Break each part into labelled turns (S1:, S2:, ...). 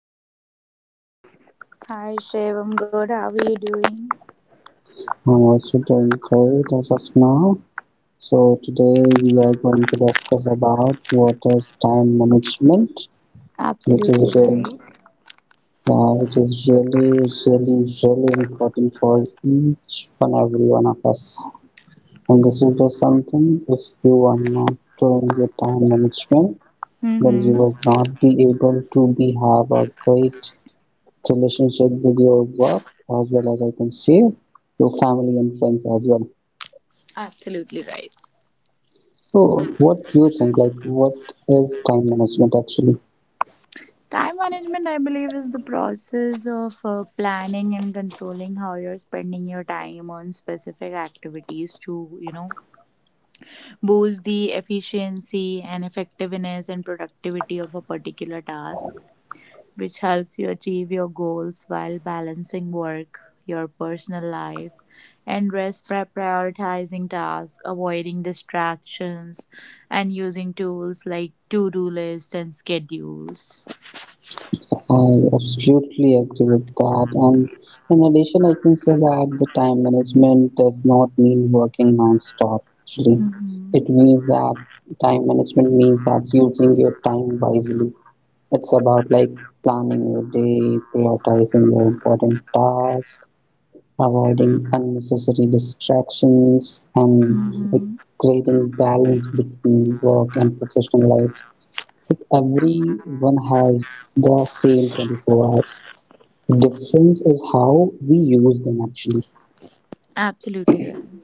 S1: How are you doing today?
S2: Hi, Shiv. I'm good. How are you doing?
S1: I'm also doing great as of now. So today we are going to discuss about what is time management, which
S2: Absolutely
S1: is really,
S2: right.
S1: uh, which is really, really, really important for each and every one of us. And this is just something. If you are not doing your time management, then you
S2: Mm-hmm.
S1: will not be able to be have a great relationship with your work as well as I can say your family and friends as well.
S2: Absolutely right.
S1: So what do you think? Like what is time management actually?
S2: Time management, I believe, is the process of planning and controlling how you're spending your time on specific activities to, you know, boost the efficiency and effectiveness and productivity of a particular task, which helps you achieve your goals while balancing work, your personal life, and rest by prioritizing tasks, avoiding distractions, and using tools like to do lists and schedules.
S1: I absolutely agree with that. And in addition, I can say that the time management does not mean working non-stop actually.
S2: Mm-hmm.
S1: It means that time management means that using your time wisely. It's about like planning your day, prioritizing your important tasks, avoiding unnecessary distractions and like
S2: Mm-hmm.
S1: creating balance between work and professional life. Like everyone has the same 24 hours. The difference is how we use them actually.
S2: Absolutely right.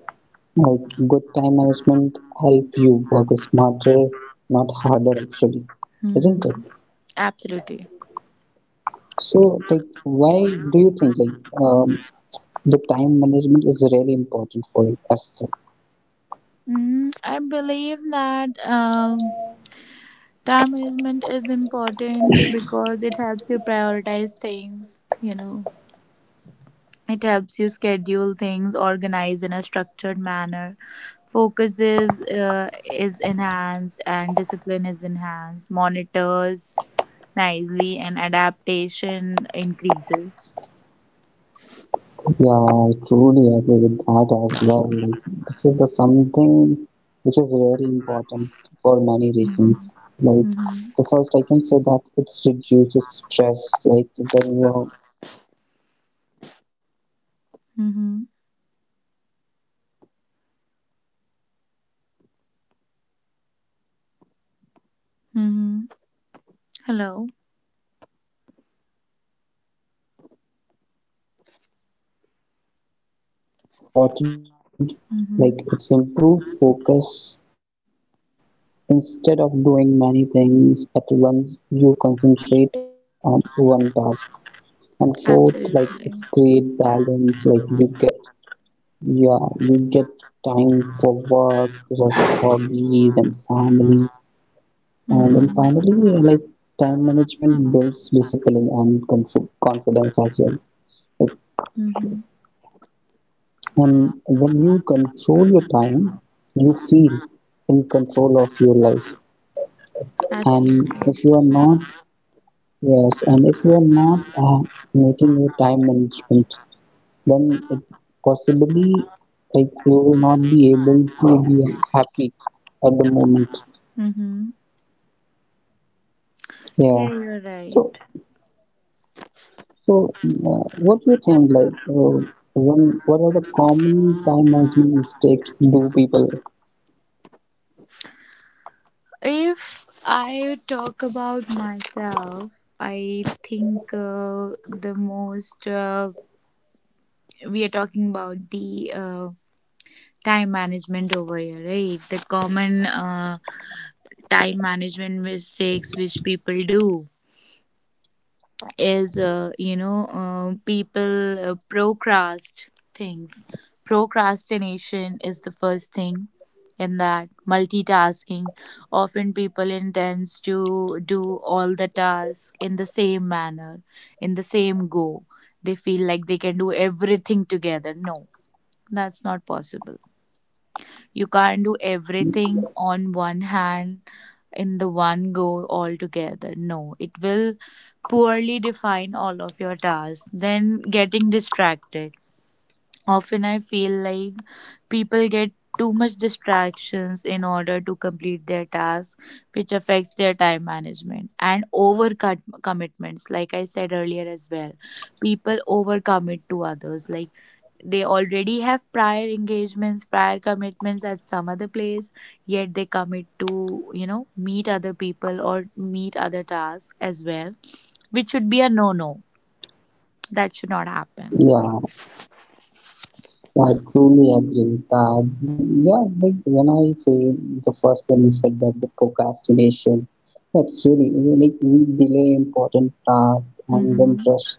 S1: Like good time management help you work smarter, not harder actually,
S2: Mm-hmm.
S1: isn't it?
S2: Absolutely.
S1: So like why do you think like um, the time management is really important for us?
S2: I believe that time management is important because it helps you prioritize things, you know, it helps you schedule things, organize in a structured manner. Focus is enhanced and discipline is enhanced. Monitors nicely and adaptation increases.
S1: Yeah, I truly agree with that as well. Like, this is the something which is very important for many reasons. Like
S2: Mm-hmm. Mm-hmm.
S1: the first, I can say that it reduces stress. Like when you are, your task,
S2: Mm-hmm.
S1: your task are planned, your mind feel calm. Second, like it
S2: Mm-hmm.
S1: increases
S2: Hello.
S1: productivity, and you get more done in less time. And third, it's important, like it's improve
S2: Mm-hmm.
S1: focus. Instead of doing many things at once, you concentrate on one task. And fourth, like it's create balance. Like
S2: Absolutely.
S1: you get, yeah, you get time for work, rest, hobbies, and family. And then finally, like
S2: Mm-hmm.
S1: time management builds discipline and confidence as well. Like
S2: Mm-hmm.
S1: and when you control your time, you feel in control of your life. And if you are
S2: Absolutely.
S1: not, yes, and if you are not making your time management, then it possibly like you will not be able to be happy at the moment.
S2: Mm-hmm.
S1: Yeah.
S2: Yeah, you're
S1: So,
S2: right.
S1: so what do you think? Like, when what are the common time management mistakes do people?
S2: If I talk about myself, I think the most we are talking about the time management over here, right? The common time management mistakes which people do is people things procrastination is the first thing. In that, multitasking, often people intends to do all the tasks in the same manner, in the same go. They feel like they can do everything together. No, that's not possible. You can't do everything on one hand, in the one go altogether. No, it will poorly define all of your tasks. Then getting distracted. Often I feel like people get too much distractions in order to complete their tasks, which affects their time management, and overcut commitments. Like I said earlier as well, people overcommit to others. Like, they already have prior engagements, prior commitments at some other place, yet they commit to, you know, meet other people or meet other tasks as well, which should be a no no. That should not happen.
S1: Yeah. I truly agree that, like, yeah, like when I say the first one you said that the procrastination, that's really like we delay important tasks and then
S2: Mm-hmm.
S1: rush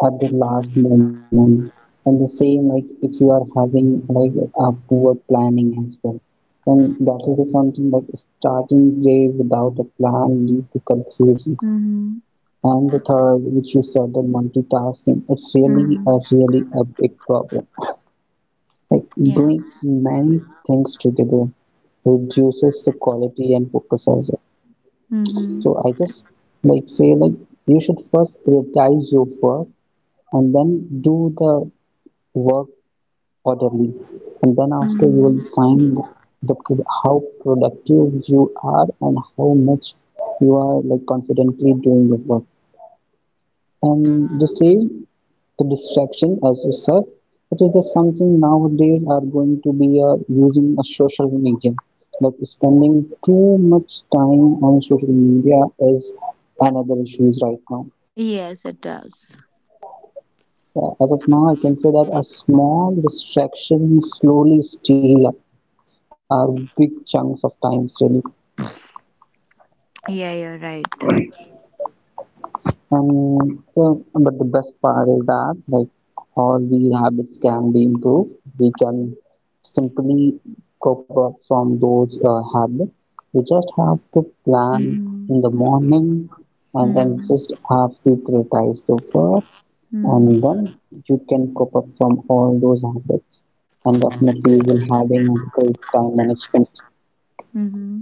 S1: at the last moment. And the same, like, if you are having like a poor planning as well, then that is something like starting day without a plan lead to confusion.
S2: Mm-hmm.
S1: And the third, which you said, the multitasking, it's really a
S2: Mm-hmm.
S1: really a big problem like doing
S2: Yes.
S1: many things together reduces the quality and focus as well.
S2: Mm-hmm.
S1: So I just like say like you should first prioritize your work and then do the work orderly, and then after you will
S2: Mm-hmm.
S1: find the how productive you are and how much you are like confidently doing your work. And the same the distraction as you said, it is just something nowadays are going to be using a social media. Like spending too much time on social media is another issue right now.
S2: Yes, it does.
S1: As of now, I can say that a small distraction slowly steal our big chunks of time really.
S2: Yeah, you're right.
S1: And so, but the best part is that like all these habits can be improved. We can simply cope up from those habits. We just have to plan in
S2: Mm-hmm.
S1: the morning and then
S2: Mm-hmm.
S1: just have to prioritize the work and then you can cope up from all those habits and definitely you will having a great time management.
S2: Mm-hmm.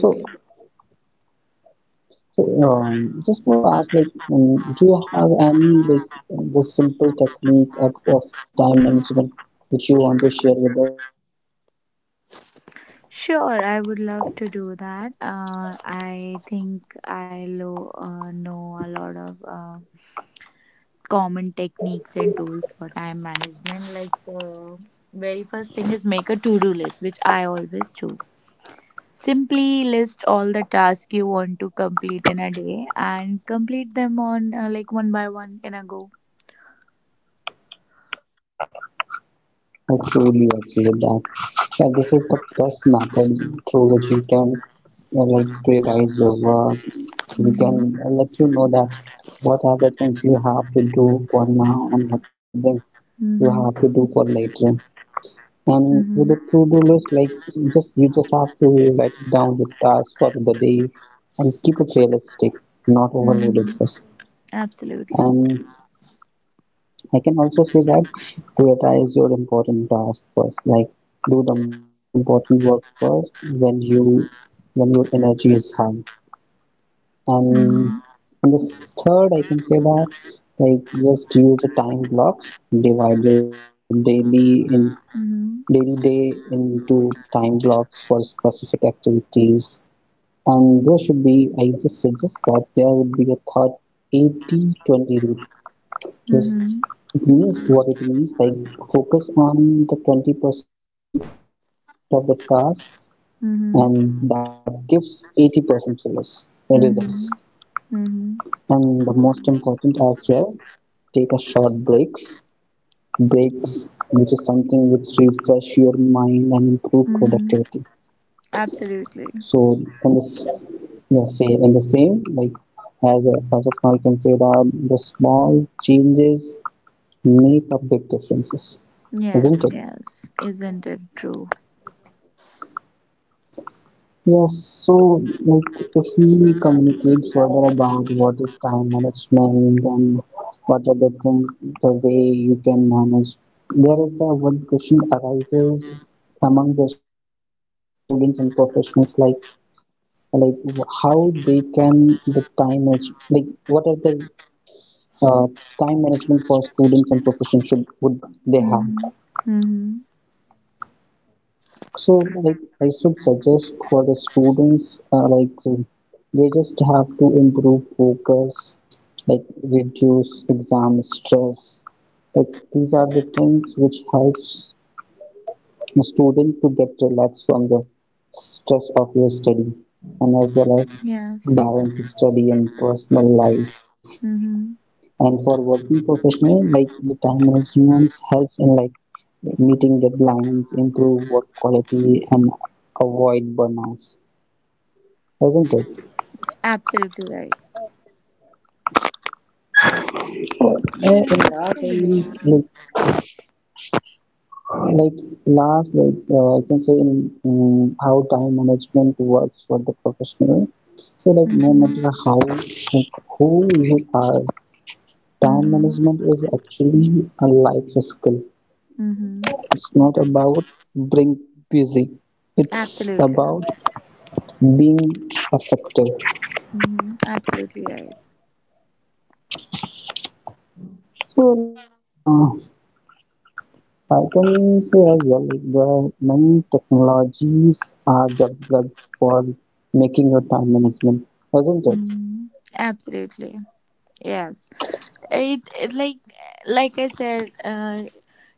S1: So So, just to ask, like, do you have any like the simple technique of the time management which you want to share with us?
S2: Sure, I would love to do that. I think I know a lot of common techniques and tools for time management. Like, the very first thing is make a to do list, which I always do. Simply list all the tasks you want to complete in a day and complete them on like one by one in a go.
S1: I truly agree with that. And this is the best method through which you can like prioritize your work. You
S2: Mm-hmm.
S1: can let you know that what are the things you have to do for now and what are the things
S2: Mm-hmm.
S1: you have to do for later.
S2: Mm-hmm.
S1: And with the true doulas, like just you just have to write it down the tasks for the day and keep it realistic, not
S2: Mm-hmm.
S1: overloaded first.
S2: Absolutely.
S1: And I can also say that prioritize your important tasks first. Like do the most important work first when you when your energy is high.
S2: Mm-hmm.
S1: And in this third, I can say that like just use the time blocks, divide your daily in
S2: Mm-hmm.
S1: daily day into time blocks for specific activities. And there should be, I just suggest that there would be a thought 80/20 rule. This
S2: Mm-hmm.
S1: means what it means like focus on the 20% of the task, and that gives
S2: Mm-hmm.
S1: 80% results.
S2: Mm-hmm.
S1: And the most
S2: Mm-hmm.
S1: important as well, take a short breaks. Breaks, which is something which refresh your mind and improve productivity.
S2: Mm-hmm.
S1: So,
S2: Absolutely.
S1: and this yeah, same and the same like as as of now, you can say that the small changes make a big differences, isn't it?
S2: Yes, yes. Isn't it true?
S1: Yes. So, like, if we communicate further about what is time management and what are the things, the way you can manage, there is the one question arises among the students and professionals, like how they can the time manage, like, what are the uh, time management for students and professions should would they have?
S2: Mm-hmm. Mm-hmm.
S1: So like I should suggest for the students they just have to improve focus, like reduce exam stress. Like these are the things which helps a student to get relaxed from the stress of your study and as well as
S2: Yes.
S1: balance study and personal life.
S2: Mm-hmm.
S1: And for working professional, like the time management helps in like meeting deadlines, improve work quality, and avoid burnouts, isn't it?
S2: Absolutely right.
S1: Uh, In
S2: Yeah,
S1: last,
S2: I
S1: I will-
S2: believe.
S1: like last, like I can say in how time management works for the professional. So like no matter
S2: Mm-hmm.
S1: how, like who you are, time
S2: Mm-hmm.
S1: management is actually a life skill.
S2: Mm-hmm.
S1: It's not about being busy. It's
S2: Absolutely.
S1: about being effective.
S2: Mm-hmm. Absolutely right.
S1: So like I can say as well, like there are many technologies are developed for making your time management, isn't it?
S2: Mm-hmm. Absolutely. Yes. It like I said,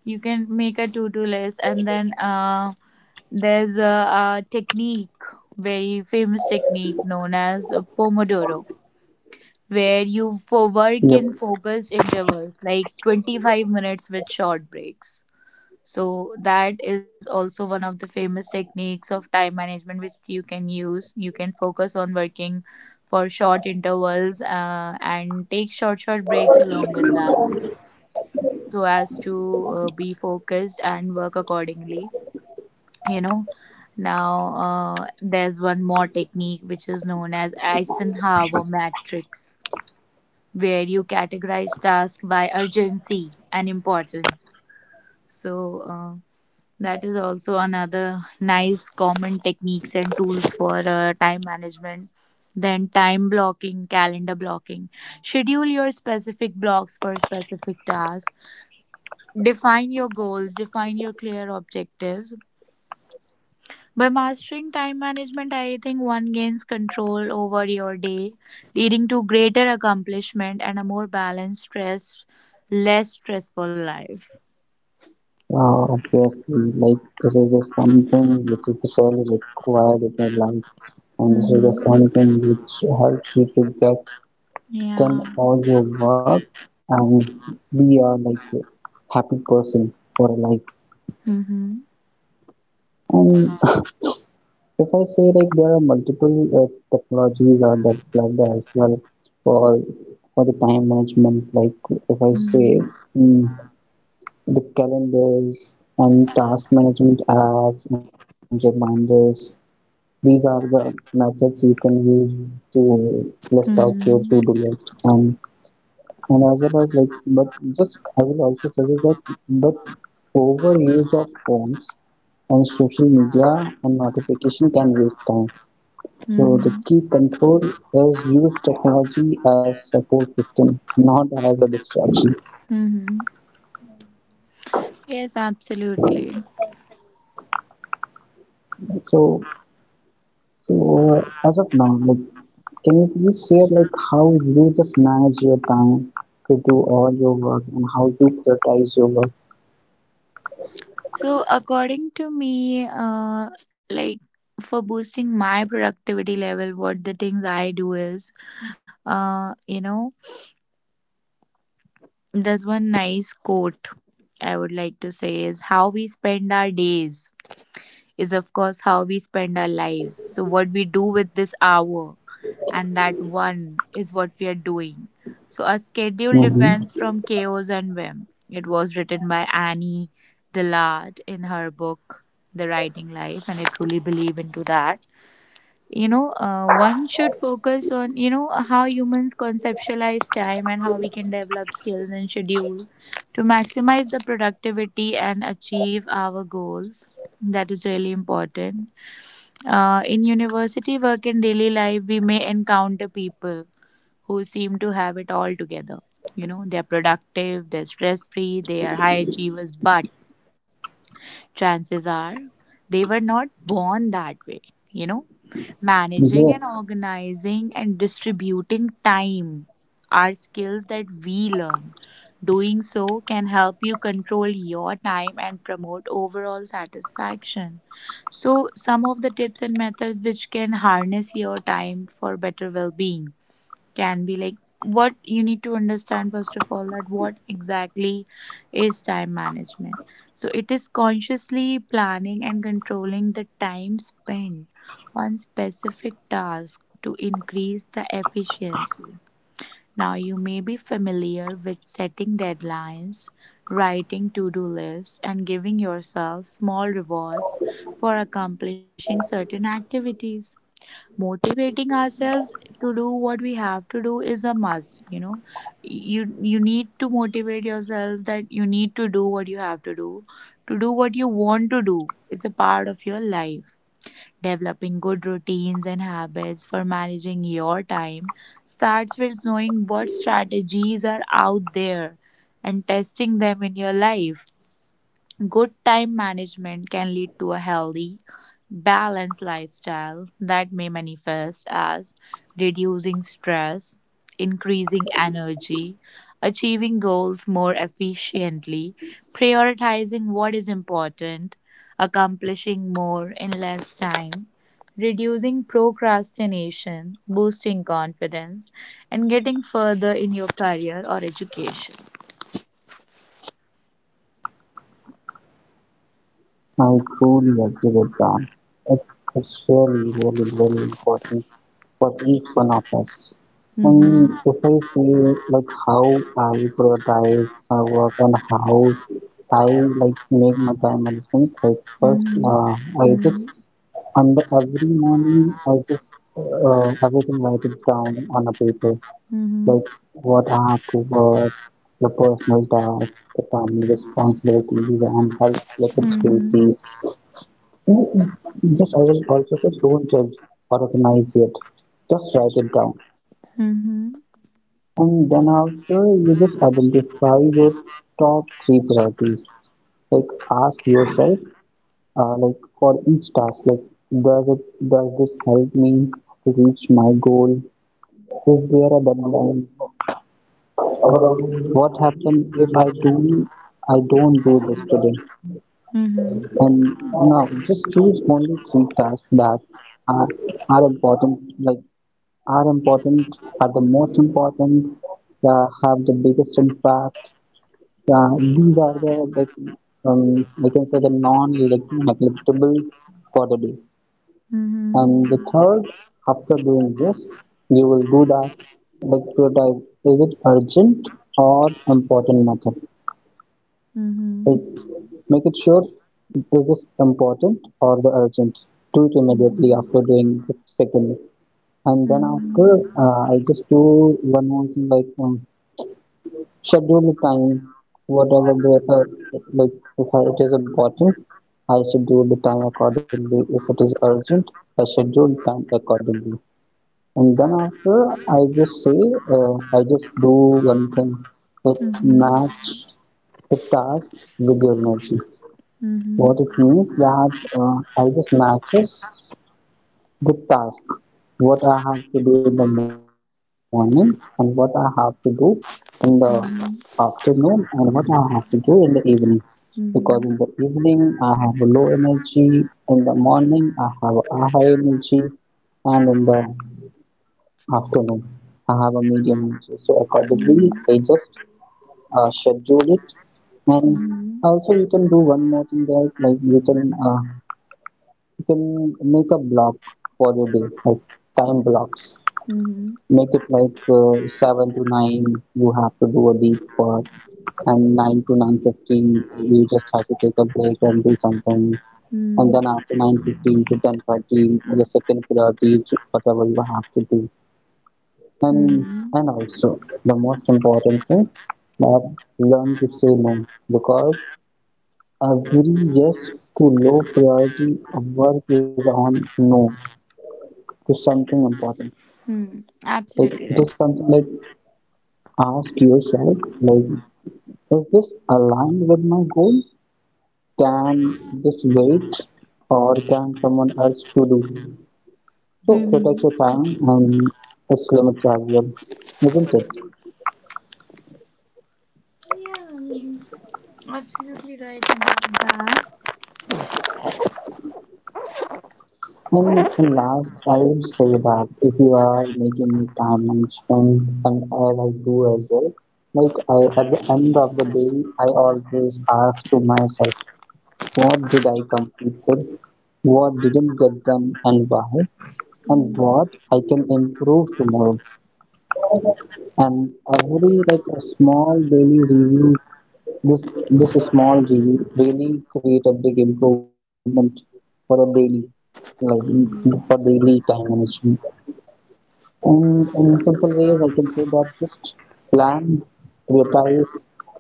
S2: you can make a to-do list, and then there's a, a technique, very famous technique known as Pomodoro, where you for
S1: Yep.
S2: work in focused intervals, like 25 minutes with short breaks. So that is also one of the famous techniques of time management which you can use. You can focus on working for short intervals and take short breaks along with that, so as to be focused and work accordingly, you know. Now there's one more technique which is known as Eisenhower matrix, where you categorize tasks by urgency and importance. So that is also another nice common techniques and tools for time management. Then time blocking, calendar blocking. Schedule your specific blocks for specific tasks. Define your goals, define your clear objectives. By mastering time management, I think one gains control over your day, leading to greater accomplishment and a more balanced, stress, less stressful life.
S1: Obviously, like this is just something which is really required in your life, and this is
S2: Mm-hmm.
S1: just something which helps you to get
S2: Yeah.
S1: done all your work and be a like happy person for life.
S2: Mm-hmm.
S1: And if I say like there are multiple technologies are developed as well for for the time management. Like if I say
S2: Mm-hmm.
S1: mm, the calendars and task management apps and reminders. These are the methods you can use to list out your
S2: Mhm.
S1: to-do list and as well as like but just I will also suggest that but overuse of phones and social media and notification can waste time so the
S2: Mhm.
S1: key control is use technology as support system, not as a distraction.
S2: Mhm. Yes, absolutely.
S1: So, so, as of now, like, can you please share like how you just manage your time to do all your work and how you prioritize your work?
S2: So, according to me, like, for boosting my productivity level, what the things I do is, you know, there's one nice quote I would like to say is how we spend our days is, of course, how we spend our lives. So, what we do with this hour and that one is what we are doing. So, a schedule defense
S1: Mm-hmm.
S2: from chaos and whim. It was written by Annie Dillard in her book, The Writing Life, and I truly believe into that. You know, one should focus on, you know, how humans conceptualize time and how we can develop skills and schedule to maximize the productivity and achieve our goals. That is really important. In university work and daily life, we may encounter people who seem to have it all together. You know, they're productive, they're stress free, they are high achievers, but chances are, they were not born that way, you know. Managing and
S1: Yeah,
S2: organizing and distributing time are skills that we learn. Doing so can help you control your time and promote overall satisfaction. So, some of the tips and methods which can harness your time for better well being can be like, what you need to understand first of all, that what exactly is time management. So it is consciously planning and controlling the time spent on specific tasks to increase the efficiency. Now you may be familiar with setting deadlines, writing to-do lists, and giving yourself small rewards for accomplishing certain activities. Motivating ourselves to do what we have to do is a must. You know, you need to motivate yourself that you need to do what you have to do. To do what you want to do is a part of your life. Developing good routines and habits for managing your time starts with knowing what strategies are out there and testing them in your life. Good time management can lead to a healthy, balanced lifestyle that may manifest as reducing stress, increasing energy, achieving goals more efficiently, prioritizing what is important, accomplishing more in less time, reducing procrastination, boosting confidence, and getting further in your career or education.
S1: I truly agree with that. It's really, really, really important for each one of us. And
S2: Mm-hmm.
S1: if I say like how I prioritize my work and how I like make my time management, like first I
S2: Mm-hmm.
S1: just on the every morning I just everything write it down on a paper,
S2: Mhm.
S1: like what I have to work, the personal tasks, the family responsibilities, and health related
S2: Mhm.
S1: activities. Mm, just I will also say don't judge or recognize it, just write it down
S2: Mhm.
S1: and then after you just identify your top 3 priorities. Like ask yourself, like for each task, like does it does this help me to reach my goal? Is there a deadline? What happens if I don't do this today?
S2: Mhm.
S1: And now just choose only 3 tasks that are are important, like are the most important, have the biggest impact. Yeah, these are the like we can say the non-like neglectable for the day.
S2: Mhm.
S1: And the third, after doing this, you will do that like prioritize is it urgent or important matter.
S2: Mhm.
S1: Like make it sure is this important or the urgent. Do it immediately after doing the second. And then after,
S2: Mhm.
S1: I just do one more thing like schedule the time, whatever the, like if I, it is important, I schedule the time accordingly. If it is urgent, I schedule time accordingly. And then after, I just say, I just do one thing, like
S2: Mhm.
S1: match the task with your energy.
S2: Mhm.
S1: What it means that I just matches the task what I have to do in the morning and what I have to do in the afternoon
S2: Mhm.
S1: and what I have to do in the evening. Because in the
S2: Mhm.
S1: evening I have low energy, in the morning I have a high energy, and in the afternoon I have a medium energy. So accordingly, I just schedule it. And
S2: Mhm. Mhm.
S1: also you can do one more thing there, like you can make a block for your day, like time blocks.
S2: Mm-hmm. Mm-hmm.
S1: Make it like 7 to 9 you have to do a deep work, and 9 to 9:15 you just have to take a break and do something, and then
S2: Mm-hmm.
S1: after 9:15 to 10:30 the second priority is whatever you have to do. and
S2: Mm-hmm.
S1: and also, the most important thing, that learn to say no, because every yes to low priority of work is on no to something important.
S2: Hmm.
S1: Like, it
S2: Absolutely
S1: is
S2: right.
S1: something like ask yourself, like, is this aligned with my goal? Can this wait, or can someone else to do? So
S2: Mm-hmm.
S1: protect your time and its limits as well, isn't it?
S2: Yeah, I mean, absolutely right about that.
S1: And last, I would say that if you are making time and spend, and as I like do as well, like I at the end of the day, I always ask to myself, what did I completed, what didn't get done, and why, and
S2: Mm-hmm.
S1: what I can improve tomorrow. And every like a small daily review, this small review really create a big improvement for a daily, like, for
S2: Mm-hmm.
S1: daily time management. And in simple ways I can say that just plan, prioritize,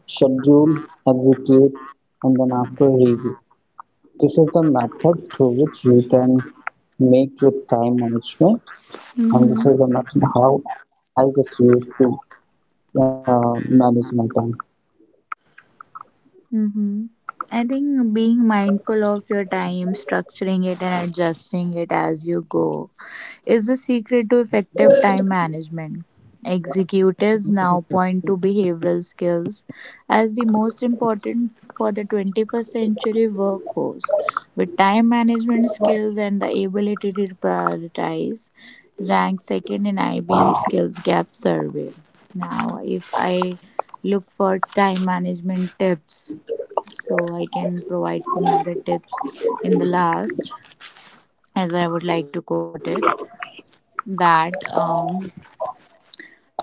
S1: schedule, execute, and then after review. This is the method through which you can make your time management, and this
S2: Mm-hmm.
S1: is the method how I just use to uh, manage my time.
S2: Mm-hmm. I think being mindful of your time, structuring it, and adjusting it as you go is the secret to effective time management. Executives now point to behavioral skills as the most important for the 21st century workforce, with time management skills and the ability to prioritize ranked second in IBM Skills Gap survey. Now, if I look for time management tips, so I can provide some of the tips in the last, as I would like to quote it, that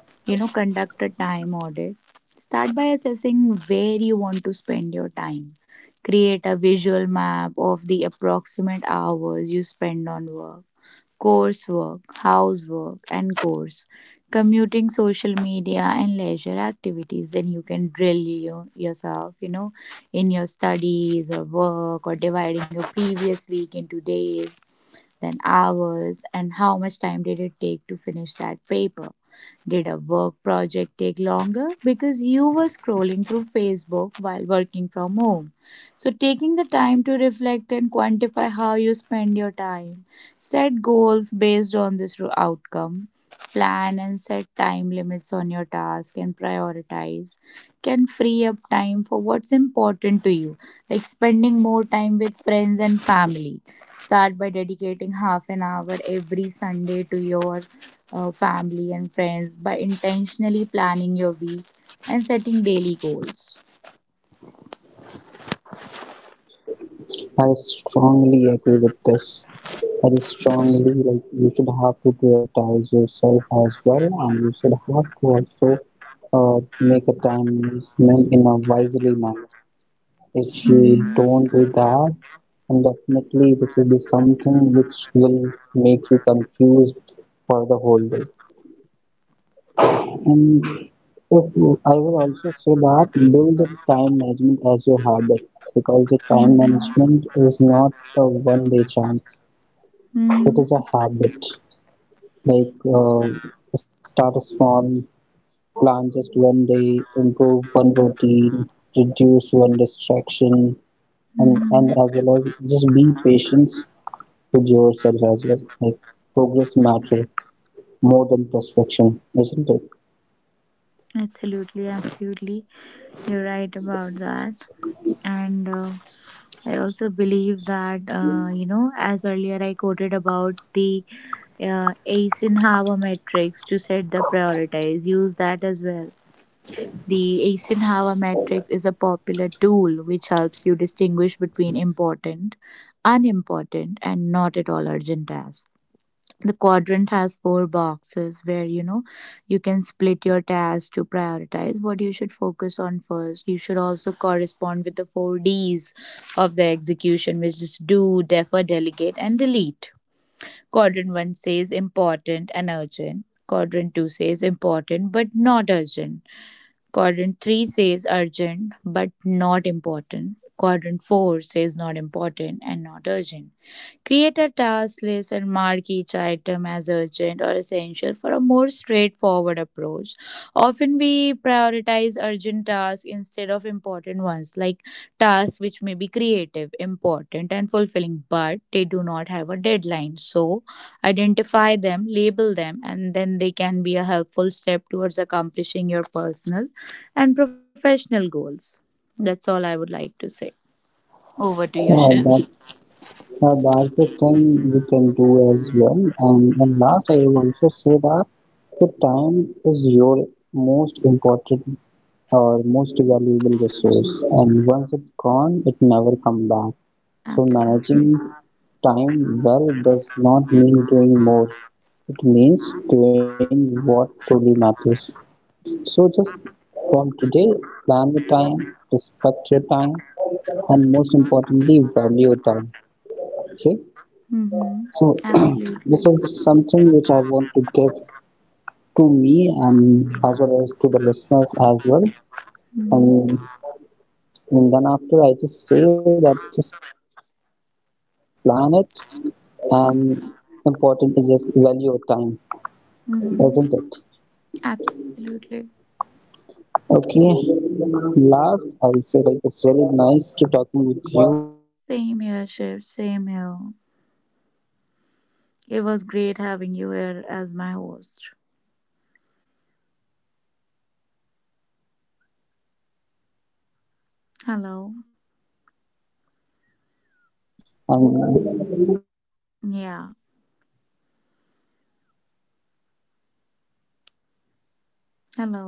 S2: you know, conduct a time audit. Start by assessing where you want to spend your time. Create a visual map of the approximate hours you spend on work, coursework, housework, and course, commuting, social media, and leisure activities. Then you can drill yourself, you know, in your studies or work, or dividing your previous week into days, then hours, and how much time did it take to finish that paper. Did a work project take longer? Because you were scrolling through Facebook while working from home. So, taking the time to reflect and quantify how you spend your time. Set goals based on this outcome. Plan and set time limits on your task and prioritize. Can free up time for what's important to you, like spending more time with friends and family. Start by dedicating half an hour every Sunday to your family and friends by intentionally planning your week and setting daily goals.
S1: I strongly agree with this. I strongly like you should have to prioritize yourself as well, and you should have to also make a time management in a wisely manner. If you
S2: Mm-hmm.
S1: don't do that, then definitely this will be something which will make you confused for the whole day. And if you- I will also say that build the time management as your habit, because the time
S2: Mm-hmm.
S1: management is not a one day chance. It
S2: Mm-hmm.
S1: is a habit, like uh, start small, plan just one day, improve one routine, reduce one distraction, and as
S2: Mm-hmm.
S1: well as just be patient with yourself as well. Like progress matter more than perfection, isn't it?
S2: Absolutely, absolutely. You're right about that. And I also believe that, you know, as earlier I quoted about the Eisenhower matrix to set the prioritize, use that as well. The Eisenhower matrix is a popular tool which helps you distinguish between important, unimportant, and not at all urgent tasks. The quadrant has four boxes where, you know, you can split your tasks to prioritize what you should focus on first. You should also correspond with the four D's of the execution, which is do, defer, delegate, and delete. Quadrant 1 says important and urgent. Quadrant 2 says important but not urgent. Quadrant three says urgent but not important. Quadrant four says not important and not urgent. Create a task list and mark each item as urgent or essential for a more straightforward approach. Often we prioritize urgent tasks instead of important ones, like tasks which may be creative, important, and fulfilling, but they do not have a deadline. So, identify them, label them, and then they can be a helpful step towards accomplishing your personal and professional goals. That's all I would like to say. Over to you,
S1: Yeah,
S2: Shiv.
S1: that's the thing we can do as well. And last, I will also say that the time is your most important, our most valuable resource, and once it's gone it never comes back. So
S2: Absolutely.
S1: managing time well does not mean doing more, it means doing what truly matters. So just from today, plan your time, respect your time, and most importantly value your time, okay?
S2: Mm-hmm.
S1: So
S2: Absolutely.
S1: this is something which I want to give to me and as well as to the listeners as well.
S2: Mm-hmm.
S1: And And then after I just say that just plan it, and important is just value of time, isn't it?
S2: Mm-hmm. Absolutely.
S1: Okay. Last I will say, like, it's really nice to talking with you as well and
S2: Same
S1: with
S2: here,
S1: time
S2: Shiv.
S1: management,
S2: Same
S1: which is
S2: here. It was great having you here as my
S1: yeah.
S2: host.
S1: And last like I said, like I said, this is very nice talking with you on
S2: Hello.
S1: the time management topic. This is just something which is really required
S2: Yeah.
S1: for everyone.
S2: Hello.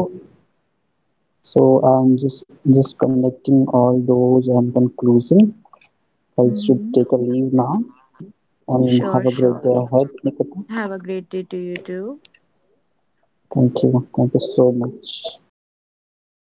S1: So So I'm just connecting all those and conclusion, I
S2: Mm-hmm.
S1: should take a leave now
S2: Sure,
S1: and have a
S2: sure.
S1: great day ahead, Nikita.
S2: Have a great day to you too.
S1: Thank you. Thank you so much.
S2: Bye now.